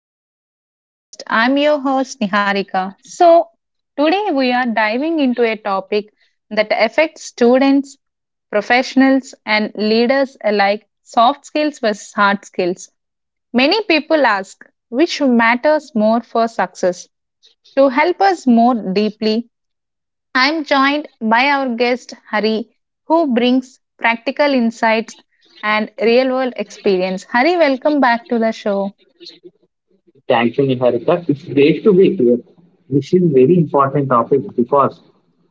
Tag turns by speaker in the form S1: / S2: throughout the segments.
S1: back to our podcast. I'm your host, Niharika. So, today we are diving into a topic that affects students, professionals, and leaders alike soft skills versus hard skills. Many people ask which matters more for success. To help us more deeply, I'm joined by our guest Hari, who brings practical insights and real world experience. Hari, welcome back to the show.
S2: Thank you, Niharika. It's great to be here. This is very important topic because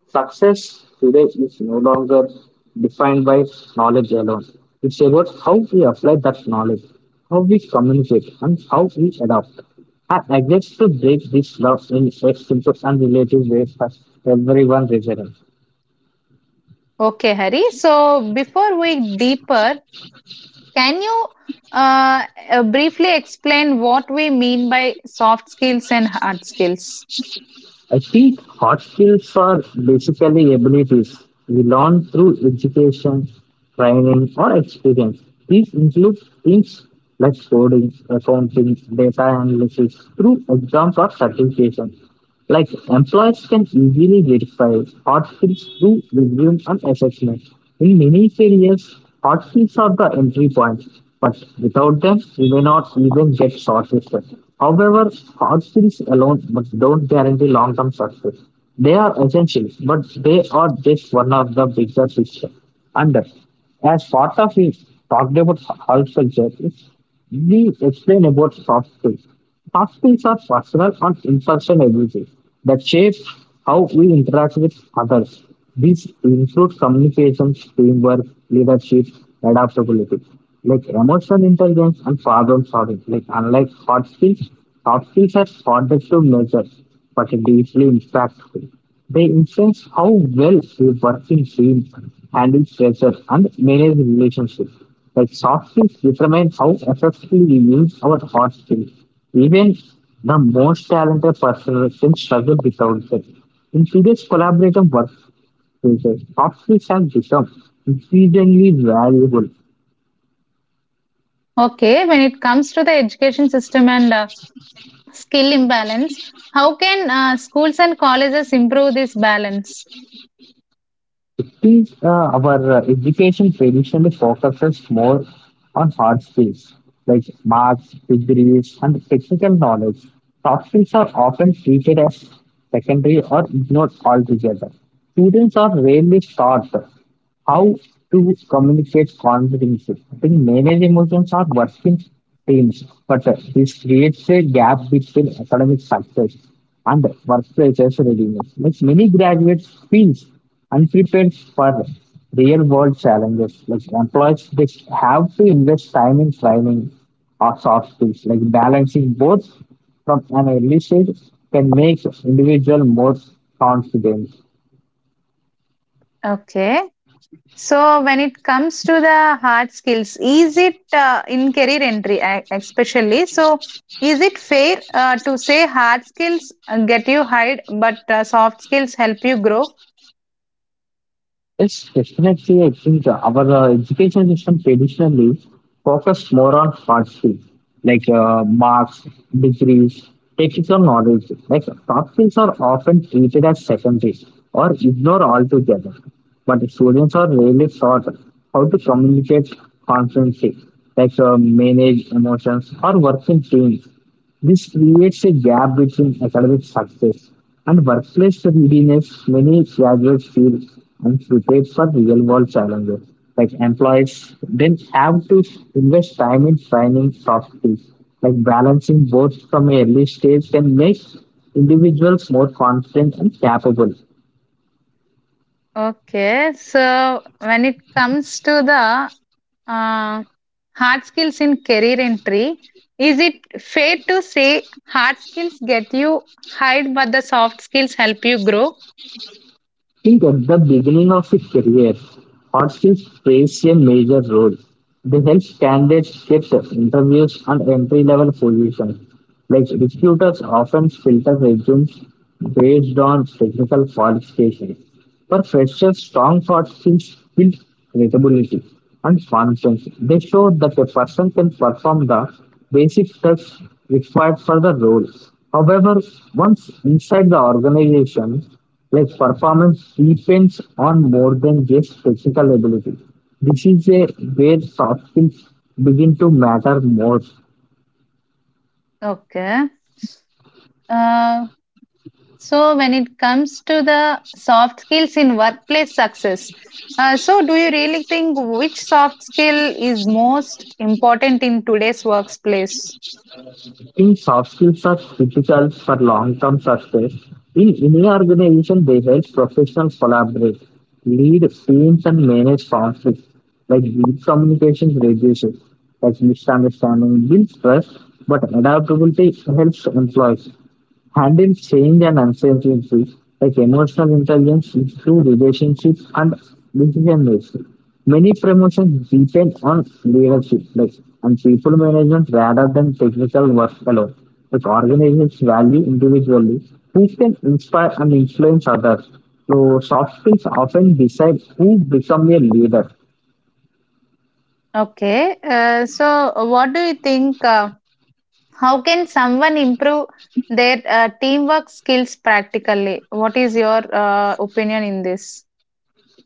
S2: success today is no longer defined by knowledge alone. It's about how we apply that knowledge, how we communicate, and how we adapt. I get to break this love in a simple and relative way for everyone listening.
S1: Okay, Hari. So before we deeper, can you uh, briefly explain what we mean by soft skills and hard skills?
S2: I think hard skills are basically abilities we learn through education, training, or experience. These include things like coding, accounting, data analysis, through exams or certifications. Like employers can easily verify hot skills through resume and assessment. In many careers, hot skills are the entry point, but without them, you may not even get shortlisted. However, hot skills alone but don't guarantee long-term success. They are essential, but they are just one of the bigger picture. And as part of it, talked about health culture, we explain about soft skills. Hospitals are personal and intersection abilities that shape how we interact with others. These include communication, teamwork, leadership, adaptability, like emotional intelligence and problem solving. Like unlike hard skills, soft skills are harder to measure but deeply impactful. They influence how well we work in teams, handle pressure, and manage relationships. Like soft skills determine how effectively we use our hard skills. Even the most talented person can struggle without them. In today's collaborative workplaces, soft skills have become increasingly valuable.
S1: Okay, when it comes to the education system and skill imbalance, how can schools and colleges improve this balance?
S2: These, uh, our education traditionally focuses more on hard skills like marks, degrees, and technical knowledge. Soft skills are often treated as secondary or ignored altogether. Students are rarely taught how to communicate confidently. I think manage emotions are working teams, but this creates a gap between academic success and workplaces readiness. Like many graduates feel unprepared for real world challenges. Like employees, they have to invest time in training or soft skills. Like balancing both from an early stage can make individual more confident.
S1: Okay. So, when it comes to the hard skills, is it in career entry, especially? So, is it fair to say hard skills get you hired, but soft skills help you grow?
S2: Yes, definitely. I think our education system traditionally focused more on hard skills like marks, degrees, technical knowledge. Like soft skills are often treated as secondary or ignored altogether. But students are really taught how to communicate confidently, like manage emotions or work in teams. This creates a gap between academic success and workplace readiness. Many graduates feel unprepared for real world challenges. Like employees then have to invest time in training soft skills. Like balancing both from an early stage can make individuals more confident and capable.
S1: Okay, so when it comes to the uh, hard skills in career entry, is it fair to say hard skills get you hired, but the soft skills help you grow?
S2: Think at the beginning of his career, hostels plays a major role. They help candidates get interviews and entry level positions. Like recruiters often filter resumes based on technical qualifications. For freshers, strong partnerships build credibility and confidence. They show that a person can perform the basic steps required for the role. However, once inside the organization, like performance depends on more than just technical ability. This is a where soft skills begin to matter more.
S1: Okay. Uh, So, when it comes to the soft skills in workplace success, so do you really think which soft skill is most important in today's workplace?
S2: Think soft skills are critical for long-term success. In any organization, they help professionals collaborate, lead teams, and manage conflicts. Like deep communication reduces like misunderstanding, builds trust, but adaptability helps employees. Had been changed and uncertainty, like emotional intelligence, improved relationships, and decision making. Many promotions depend on leadership, like and people management rather than technical work alone. Like organizations value individually who can inspire and influence others. So soft skills often decide who become a leader.
S1: Okay, so what do you think? How can someone improve their teamwork skills practically? What is your opinion in this?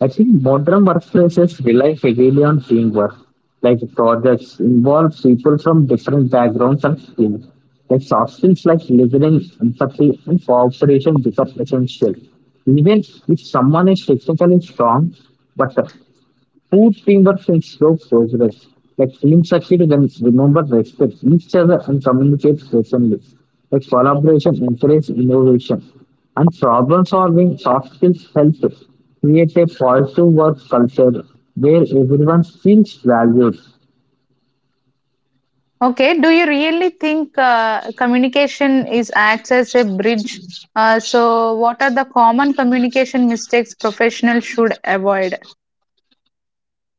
S2: I think modern workplaces rely heavily on teamwork. Like projects involve people from different backgrounds and skills. Like soft skills like listening, empathy, and cooperation become essential. Even if someone is technically strong, but food teamwork since slow progress. Like teams succeed when remember respect each other and communicate openly. Like collaboration encourages innovation. And problem solving soft skills help create a positive work culture where everyone feels valued.
S1: Okay, do you really think communication is acts as a bridge? So, what are the common communication mistakes professionals should avoid?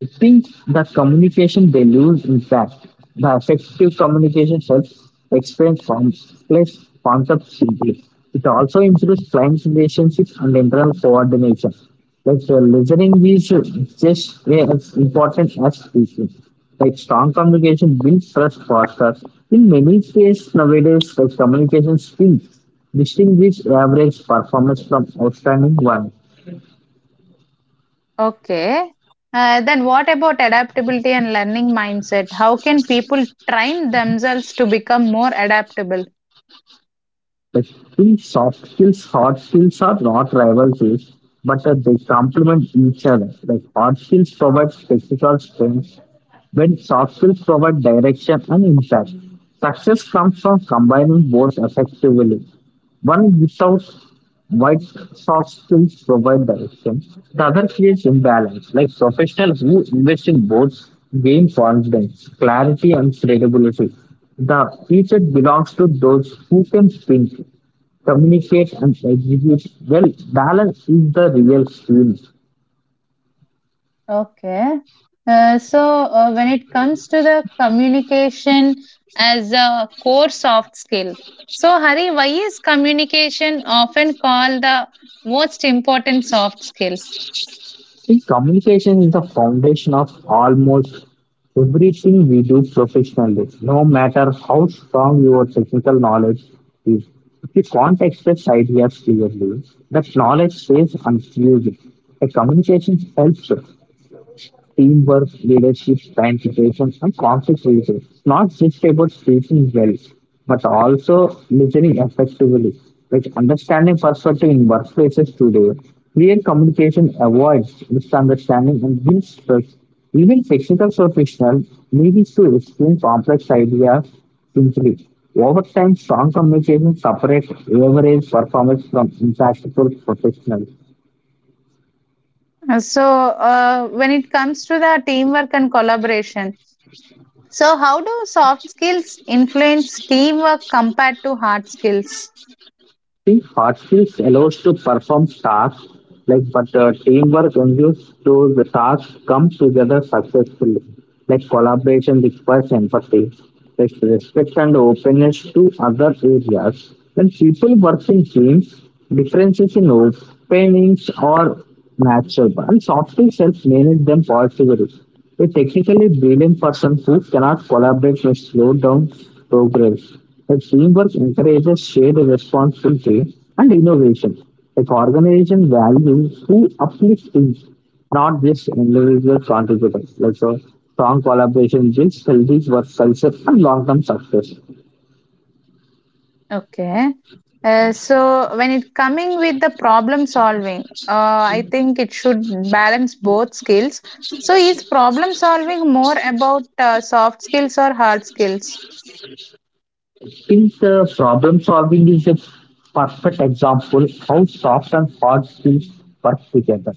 S2: I think the communication they lose in fact. The effective communication helps explain complex concepts simply. It also improves client relationships and internal coordination. Like listening is just as important as speaking. Like strong communication builds trust faster. In many cases nowadays, like communication skills distinguish average performance from outstanding one.
S1: Okay. Then what about adaptability and learning mindset? How can people train themselves to become more adaptable?
S2: I think soft skills, hard skills are not rival skills, but they complement each other. Like hard skills provide technical strength, when soft skills provide direction and impact. Success comes from combining both effectively. One without white soft skills provide direction, the other creates imbalance. Like professionals who invest in both gain confidence, clarity, and credibility. The future belongs to those who can think communicate and execute well. Balance is the real skill.
S1: Okay. When it comes to the communication as a core soft skill, so Hari, why is communication often called the most important soft skill?
S2: See, communication is the foundation of almost everything we do professionally, no matter how strong your technical knowledge is. If you can't express ideas clearly, that knowledge stays unfused. A communication helps teamwork, leadership, participation, and conflict resolution. It's not just about speaking well, but also listening effectively. Like understanding perspective in workplaces today, clear communication avoids misunderstanding and builds trust. Even technical professionals need to explain complex ideas simply. Over time, strong communication separates average performance from impactful professionals.
S1: When it comes to the teamwork and collaboration, so how do soft skills influence teamwork compared to hard skills?
S2: The hard skills allows to perform tasks like but teamwork ensures to the tasks come together successfully. Like collaboration requires empathy, like respect and openness to other areas. When people work in teams, differences in opinions are natural and soft skills help manage them positively. A technically brilliant person who cannot collaborate may slow down progress. A teamwork encourages shared responsibility and innovation. An organization values who uplifts teams, not just individual contributors. Like so, strong collaboration builds healthy work culture and long-term success.
S1: Okay. So when it coming with the problem solving, I think it should balance both skills. So is problem solving more about soft skills or hard skills?
S2: Think problem solving is a perfect example how soft and hard skills work together.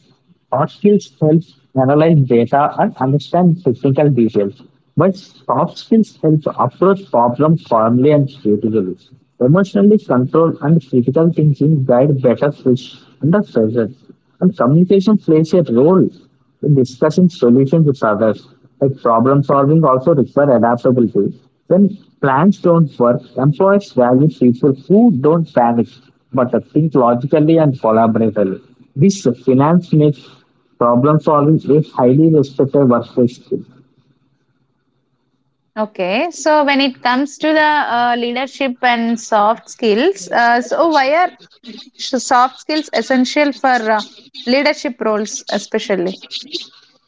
S2: Hard skills help analyze data and understand technical details, but soft skills help approach problems calmly and creatively. Emotionally controlled and critical thinking guide better fish under pressure. And communication plays a role in discussing solutions with others. Like problem solving also require adaptability. When plans don't work, employers value people who don't panic but think logically and collaboratively. This finance makes problem solving a highly respected workplace skill.
S1: Okay. So when it comes to the leadership and soft skills, so why are soft skills essential for leadership roles especially?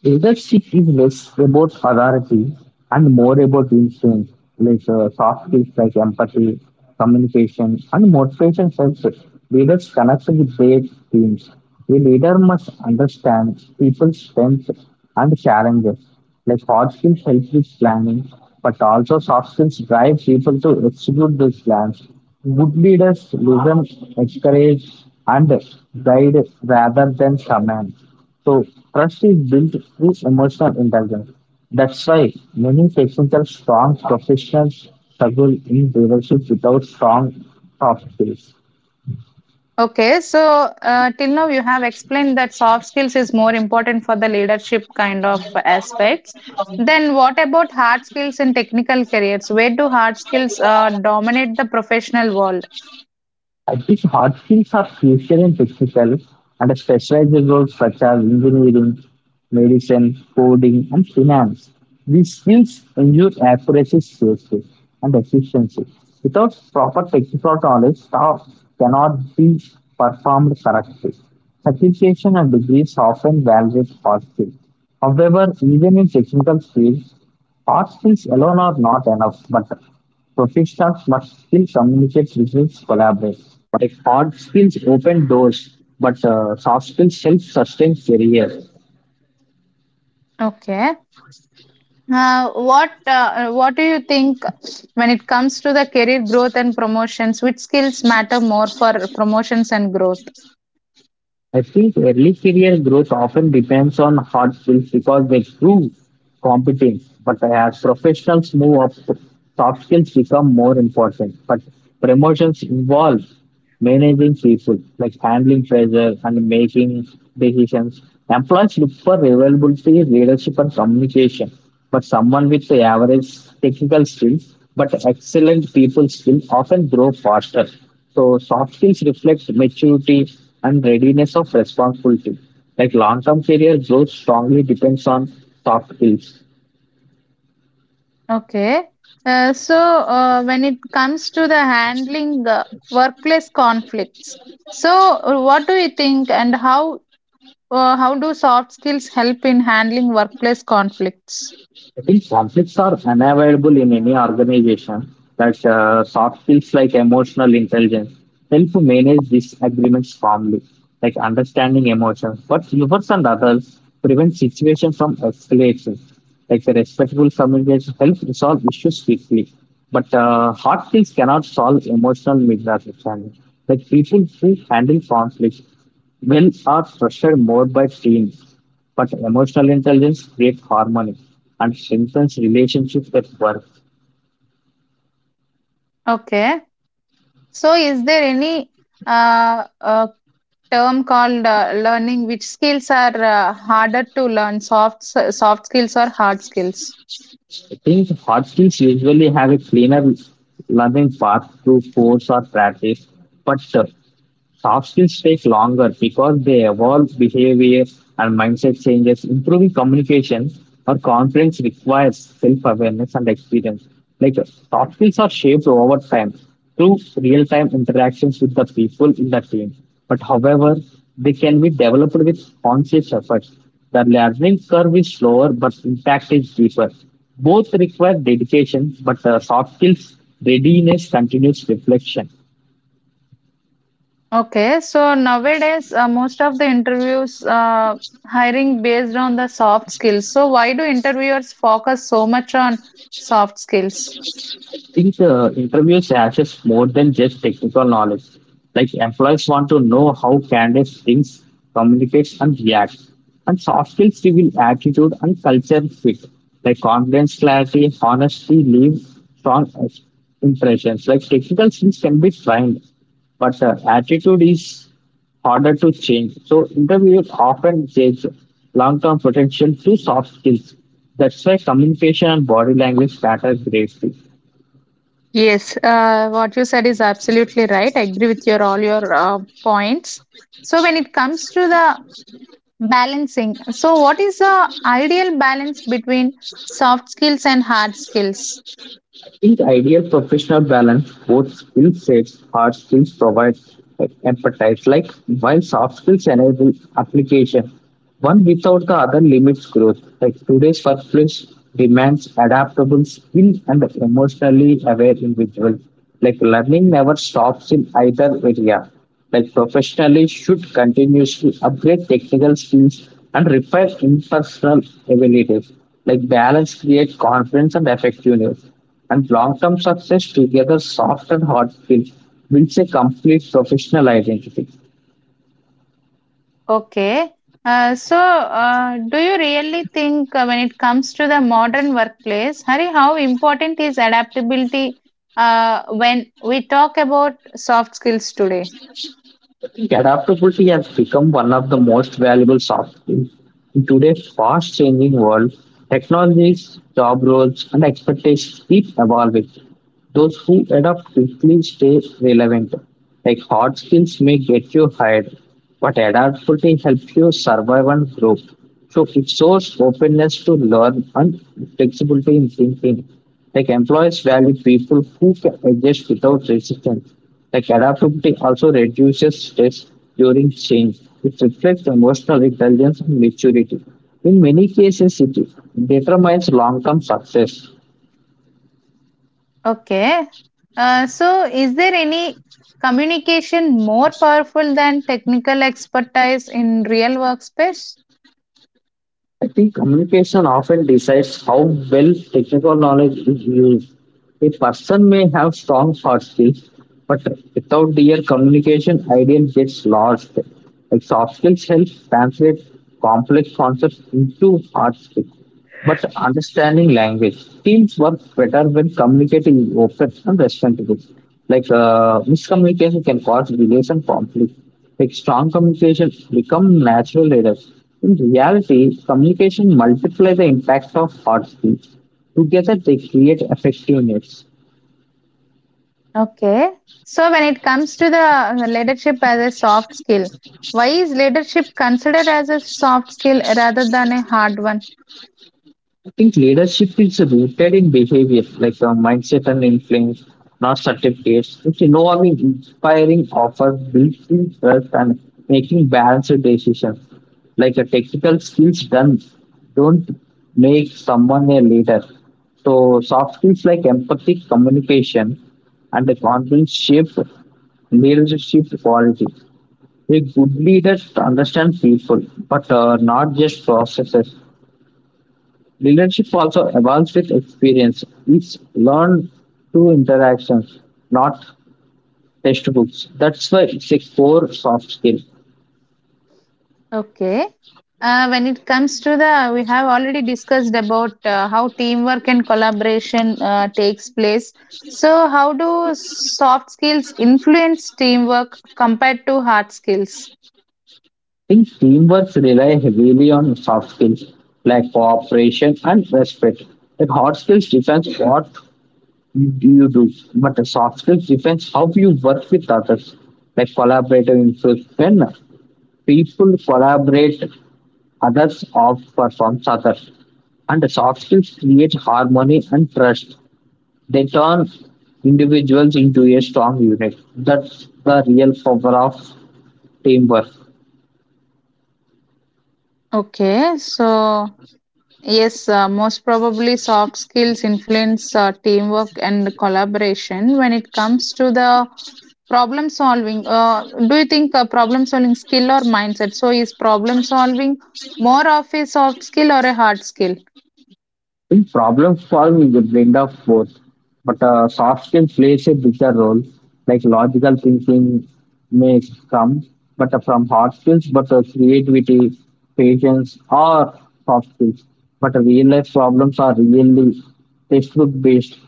S2: Leadership is less about authority and more about influence, like soft skills like empathy, communication, and motivation helps leaders connect with their teams. A leader must understand people's strengths and challenges. Like hard skills help with planning, but also soft skills drive people to execute those plans. Good leaders listen, encourage, and guide rather than command. So, trust is built through emotional intelligence. That's why many technical strong professionals struggle in leadership without strong soft skills.
S1: Okay, so till now you have explained that soft skills is more important for the leadership kind of aspects. Then what about hard skills in technical careers? Where do hard skills dominate the professional world?
S2: Active hard skills are future and technical and specialized roles such as engineering, medicine, coding, and finance. These skills ensure accuracy, safety, and efficiency. Without proper technical knowledge, tasks cannot be performed correctly. Certification and degrees often validate hard skills. However, even in technical fields, hard skills alone are not enough, but professionals must still communicate, results, collaborate. Like hard skills open doors, but soft skills help sustain career.
S1: Okay. What what do you think when it comes to the career growth and promotions? Which skills matter more for promotions and growth?
S2: I think early career growth often depends on hard skills because they prove competence. But as professionals move up, soft skills become more important. But promotions involve managing people, like handling pressure and making decisions. Employees look for availability, leadership, and communication. But someone with the average technical skills but excellent people skill often grow faster. So soft skills reflects maturity and readiness of responsibility. Like long-term career growth strongly depends on soft skills.
S1: Okay. Uh, so, when it comes to the handling workplace conflicts, so what do you think, and how do soft skills help in handling workplace conflicts?
S2: I think conflicts are unavoidable in any organization that soft skills like emotional intelligence help to manage disagreements calmly, like understanding emotions. But humans and others prevent situations from escalation. Like the respectful communication helps resolve issues quickly. But hard skills cannot solve emotional misunderstanding. Like people who handle conflicts well are pressured more by teams but emotional intelligence creates harmony and strengthens relationships at work.
S1: Okay. So, is there any uh, uh, term called learning which skills are harder to learn, soft skills or hard skills?
S2: I think hard skills usually have a cleaner learning path through course or practice, but soft skills take longer because they evolve behavior and mindset changes. Improving communication or confidence requires self awareness and experience. Like soft skills are shaped over time through real time interactions with the people in the team. But however, they can be developed with conscious effort. The learning curve is slower, but impact is deeper. Both require dedication, but soft skills readiness continues reflection.
S1: Okay, so nowadays, most of the interviews hiring based on the soft skills. So why do interviewers focus so much on soft skills?
S2: Think interviews assess more than just technical knowledge. Like employees want to know how candidates think, communicate, and react. And soft skills reveal attitude and culture fit. Like confidence, clarity, honesty leave strong impressions. Like technical skills can be trained, but attitude is harder to change. So interviews often judge long-term potential to soft skills. That's why communication and body language matter greatly.
S1: Yes, what you said is absolutely right. I agree with your all your points. So when it comes to the balancing, so what is the ideal balance between soft skills and hard skills?
S2: In ideal professional balance, both skill sets, hard skills provide empathize, like while soft skills enable application. One without the other limits growth. Like today's workplace demands adaptable skill and emotionally aware individuals. Like learning never stops in either area, like professionally should continuously upgrade technical skills and refine interpersonal abilities, like balance create confidence and effectiveness and long-term success together soft and hard skill builds a complete professional identity.
S1: Okay. Do you really think when it comes to the modern workplace, Hari, how important is adaptability when we talk about soft skills today?
S2: Adaptability has become one of the most valuable soft skills. In today's fast changing world, technologies, job roles, and expectations keep evolving. Those who adapt quickly stay relevant. Like hard skills may get you hired, but adaptability helps you survive and grow. So it shows openness to learn and flexibility in thinking. Like employers value people who can adjust without resistance. Like adaptability also reduces stress during change. It reflects emotional intelligence and maturity. In many cases, it determines long-term success.
S1: Okay. So, is there any communication more powerful than technical expertise in real workspace?
S2: I think communication often decides how well technical knowledge is used. A person may have strong hard skills, but without their communication, ideal gets lost. Like soft skills help translate complex concepts into hard skills. But understanding language, teams work better when communicating is open and respectful. Like miscommunication can cause delays and conflict. Like strong communication become natural leaders. In reality, communication multiplies the impact of hard skills. Together, they create effectiveness.
S1: Okay. So, when it comes to the leadership as a soft skill, why is leadership considered as a soft skill rather than a hard one?
S2: I think leadership is rooted in behavior, like mindset and influence, not certificates. It's involving inspiring offer, building trust, and making balanced decisions. Like a technical skills done don't make someone a leader. So soft skills like empathy, communication, and the confidence shape leadership quality. A good leader understands people, but not just processes. Leadership also evolves with experience. It's learned through interactions, not textbooks. That's why it's a core soft skill. I
S1: Okay. When it comes to the, we have already discussed about how teamwork and collaboration takes place. So, how do soft skills influence teamwork compared to hard skills?
S2: think teamwork rely heavily on soft skills like cooperation and respect. Like hard skills defines what you do, but the soft skills defines how you work with others. Like collaborative influence. When people collaborate, others outperforms others and the soft skills create harmony and trust. They turn individuals into a strong unit. That's the real power of teamwork.
S1: Okay, so yes, most probably soft skills influence teamwork and collaboration when it comes to the problem solving. Do you think problem solving skill or mindset? So, is problem solving more of a soft skill or a hard skill?
S2: In problem solving, you blend of both, but soft skill plays a bigger role. Like logical thinking may come, but from hard skills, but creativity, patience, or soft skills. But real life problems are really textbook based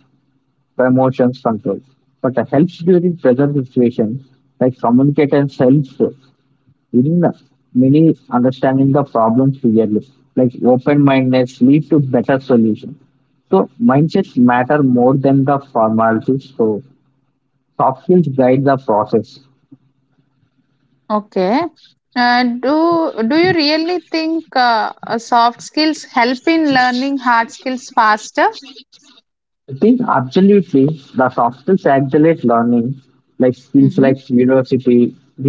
S2: emotions control. But helps during present situation, like communicate and helps in many understanding the problem clearly, like open-mindedness lead to better solution, so mindsets matter more than the formalities, so soft skills guide the process.
S1: Okay. Do you really think soft skills help in learning hard skills faster?
S2: I think absolutely the soft skills accelerate learning, like skills
S1: Hmm.
S2: like university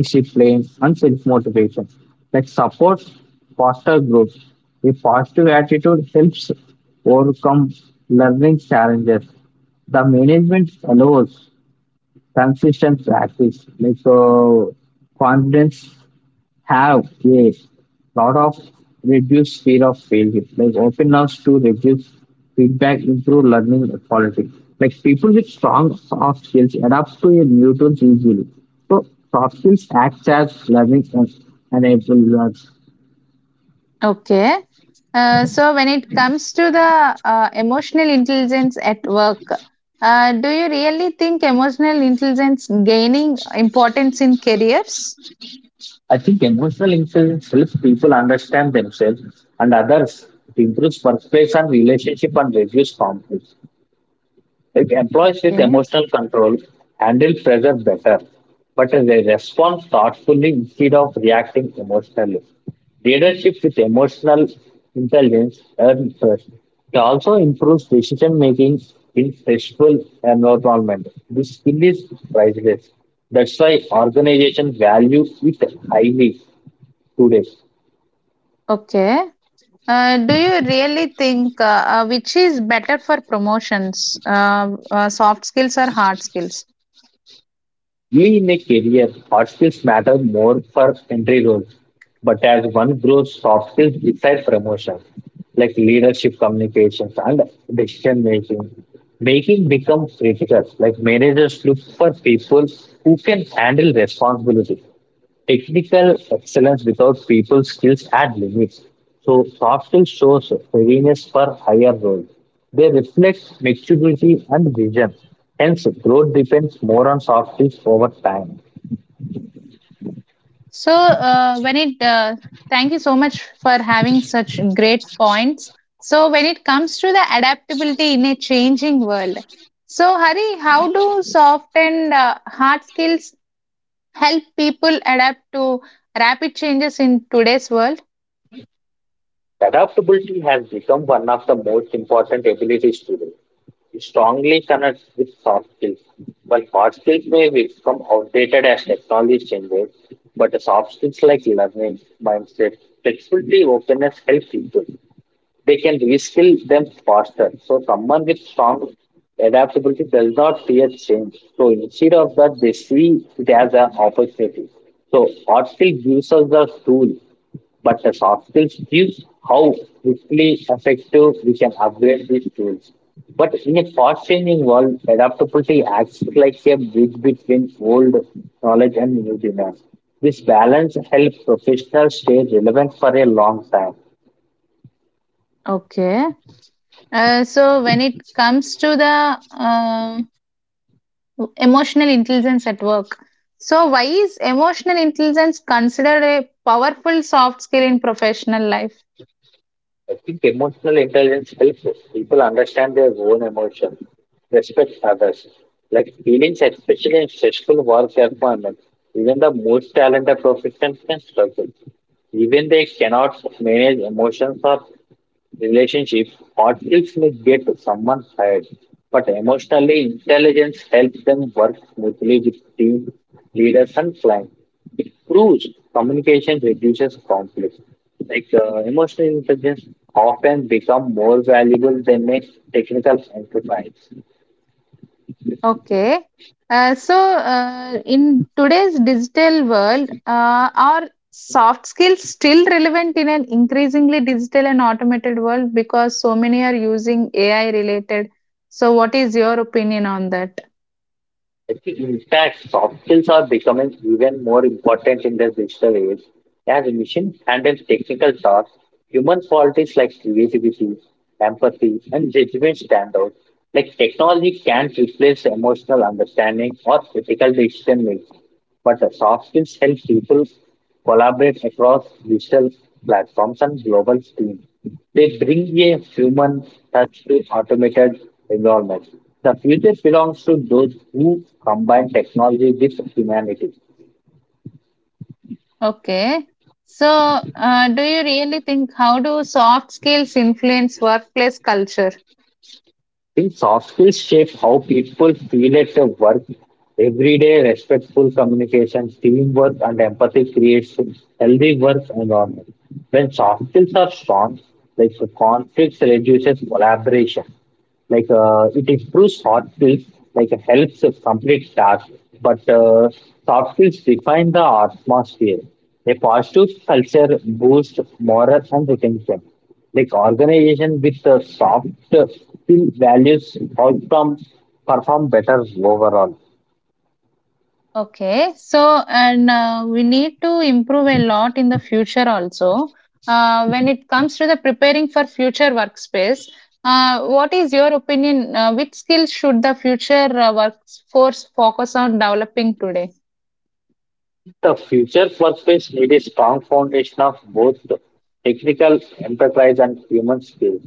S2: discipline and self-motivation, like support foster growth, a positive attitude helps overcome learning challenges, the management allows consistent practice. Like so, confidence have yes, lot of reduce fear of failure. Like openness to reduce feedback, improve learning quality. Like people with strong soft skills adapt to a new tools easily. So soft skills act as learning and enablers.
S1: Okay. So when it comes to the emotional intelligence at work, do you really think emotional intelligence gaining importance in careers?
S2: I think emotional intelligence helps people understand themselves and others. It improves workplace and relationship and reduce conflict. It employees with
S1: Okay.
S2: emotional control, handle pressure better, but they respond thoughtfully instead of reacting emotionally. Leadership with emotional intelligence earns trust. It also improves decision making in stressful environment. This skill is priceless. That's why organizations value it highly today.
S1: Okay. Do you really think which is better for promotions, soft skills or hard skills?
S2: Early in a career, hard skills matter more for entry roles, but as one grows, soft skills decide promotion, like leadership, communications, and decision making. Making becomes critical, like managers look for people who can handle responsibility. Technical excellence without people skills at limits. So soft skills shows readiness for higher roles. They reflect maturity and vision. Hence, growth depends more on soft skills over time.
S1: So, uh, when it, uh, Thank you so much for having such great points. So, when it comes to the adaptability in a changing world, so Hari, how do soft and hard skills help people adapt to rapid changes in today's world?
S2: Adaptability has become one of the most important abilities today. It strongly connects with soft skills. While hard skills may become outdated as technology changes, but the soft skills like learning, mindset, flexibility, openness help people. They can reskill them faster. So someone with strong adaptability does not fear change. So instead of that, they see it as an opportunity. So hard skill gives us the tool, but the soft skills gives how quickly effective we can upgrade these tools. But in a fast-changing world, adaptability acts like a bridge between old knowledge and new demands. This balance helps professionals stay relevant for a long time.
S1: Okay. When it comes to the emotional intelligence at work, so why is emotional intelligence considered a powerful soft skill in professional life?
S2: I think emotional intelligence helps people understand their own emotions, respect others, like feelings, especially in stressful work environments. Even the most talented professionals can struggle. Even they cannot manage emotions or relationship partnerships may get someone hired, but emotionally intelligence helps them work smoothly with team leaders and clients. It proves communication reduces conflict. Like emotional intelligence often become more valuable than a technical enterprise.
S1: Okay. Uh, so, in today's digital world, are soft skills still relevant in an increasingly digital and automated world because so many are using AI related? So, what is your opinion on that?
S2: I think, in fact, soft skills are becoming even more important in the digital age. As machines handle technical tasks, human qualities like creativity, empathy, and judgment stand out. Like technology can replace emotional understanding or critical decision making, but the soft skills help people collaborate across digital platforms and global teams. They bring a human touch to automated environments. The future belongs to those who combine technology with humanity.
S1: Okay. So, do you really think how do soft skills influence workplace culture?
S2: Think soft skills shape how people feel at their work. Everyday respectful communication, teamwork, and empathy creates a healthy work environment. When soft skills are strong, like the conflicts reduces collaboration, like it improves hard skills, like it helps us complete tasks. But soft skills define the atmosphere. A positive culture boosts morale and retention, like organization with the soft skill values outcome perform better overall.
S1: Okay, so and we need to improve a lot in the future also. When it comes to the preparing for future workspace, what is your opinion? Which skills should the future workforce focus on developing today?
S2: The future workplace need a strong foundation of both technical enterprise and human skills.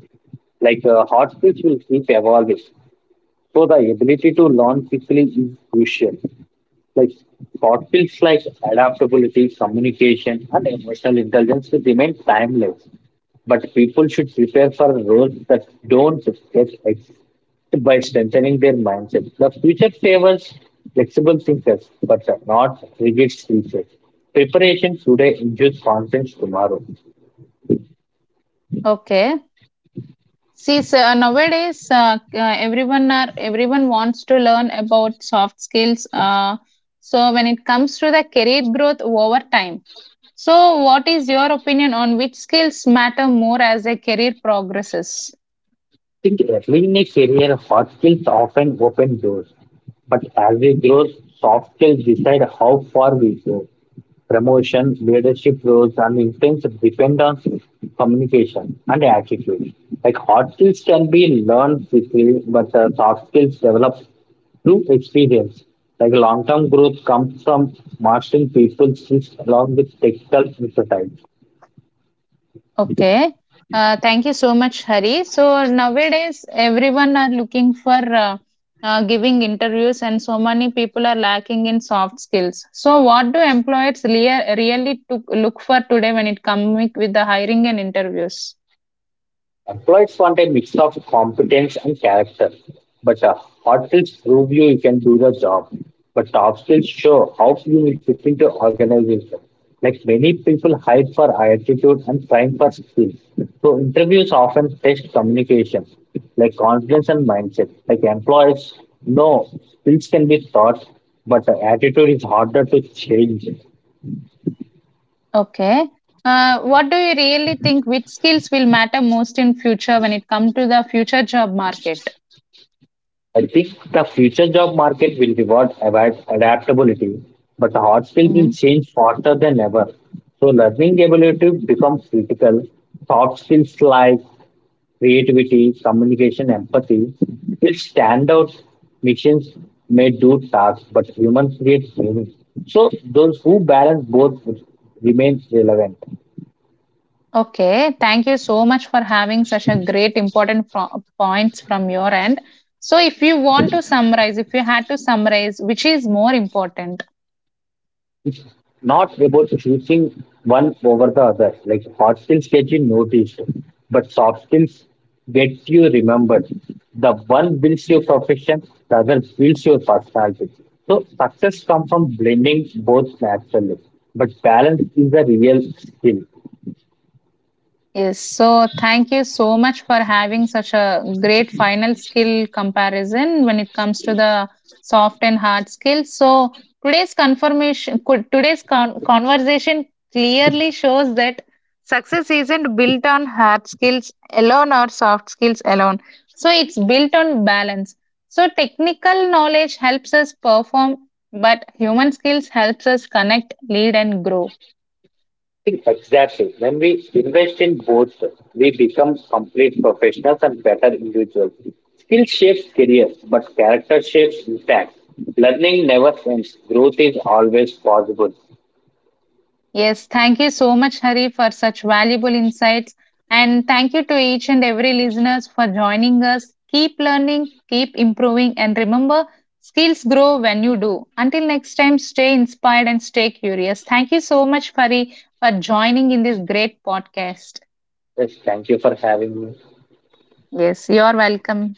S2: Like hard skills will keep evolving, so the ability to learn quickly is crucial. Like what feels like adaptability, communication, and emotional intelligence will remain timeless. But people should prepare for roles that don't get ex- by strengthening their mindset. The future favors flexible thinkers, but not rigid teachers. Preparation today ensures confidence tomorrow.
S1: Okay. See, so nowadays everyone are everyone wants to learn about soft skills. So when it comes to the career growth over time, so what is your opinion on which skills matter more as a career progresses?
S2: Early in a career, hard skills often open doors, but as we grow, soft skills decide how far we go. Promotions, leadership roles, and influence depend on communication and attitude. Like hard skills can be learned quickly, but soft skills develop through experience. Like long-term growth comes from mastering people's skills along with technical expertise.
S1: Okay. Thank you so much, Hari. So nowadays, everyone are looking for giving interviews, and so many people are lacking in soft skills. So, what do employers really to look for today when it comes with the hiring and interviews?
S2: Employees want a mix of competence and character, but hard skills prove you can do the job. But soft skills show how you will fit into organization. Like many people hide for attitude and train for skills. So interviews often test communication, like confidence and mindset. Like employees know skills can be taught, but attitude is harder to change.
S1: Okay. What do you really think? Which skills will matter most in future when it comes to the future job market?
S2: I think the future job market will reward adaptability, but the hard skills will
S1: Mm-hmm.
S2: change faster than ever. So learning ability becomes critical. Soft skills like creativity, communication, empathy will stand out. Machines may do tasks, but humans create meaning. So those who balance both will remain relevant.
S1: Okay, thank you so much for having such a great important points from your end. So if you want to summarize, if you had to summarize, which is more important?
S2: Not about choosing one over the other. Like hard skills get you noticed, but soft skills get you remembered. The one builds your profession, the other builds your personality. So success comes from blending both naturally, but balance is a real skill.
S1: Yes. So thank you so much for having such a great final skill comparison when it comes to the soft and hard skills. So today's confirmation, conversation clearly shows that success isn't built on hard skills alone or soft skills alone. So it's built on balance. So technical knowledge helps us perform, but human skills helps us connect, lead, and grow.
S2: Exactly. When we invest in both, we become complete professionals and better individuals. Skill shapes careers, but character shapes impact. Learning never ends. Growth is always possible.
S1: Yes, thank you so much, Hari, for such valuable insights. And thank you to each and every listeners for joining us. Keep learning, keep improving, and remember, skills grow when you do. Until next time, stay inspired and stay curious. Thank you so much, Hari, for joining in this great podcast.
S2: Yes, thank you for having me.
S1: Yes, you're welcome.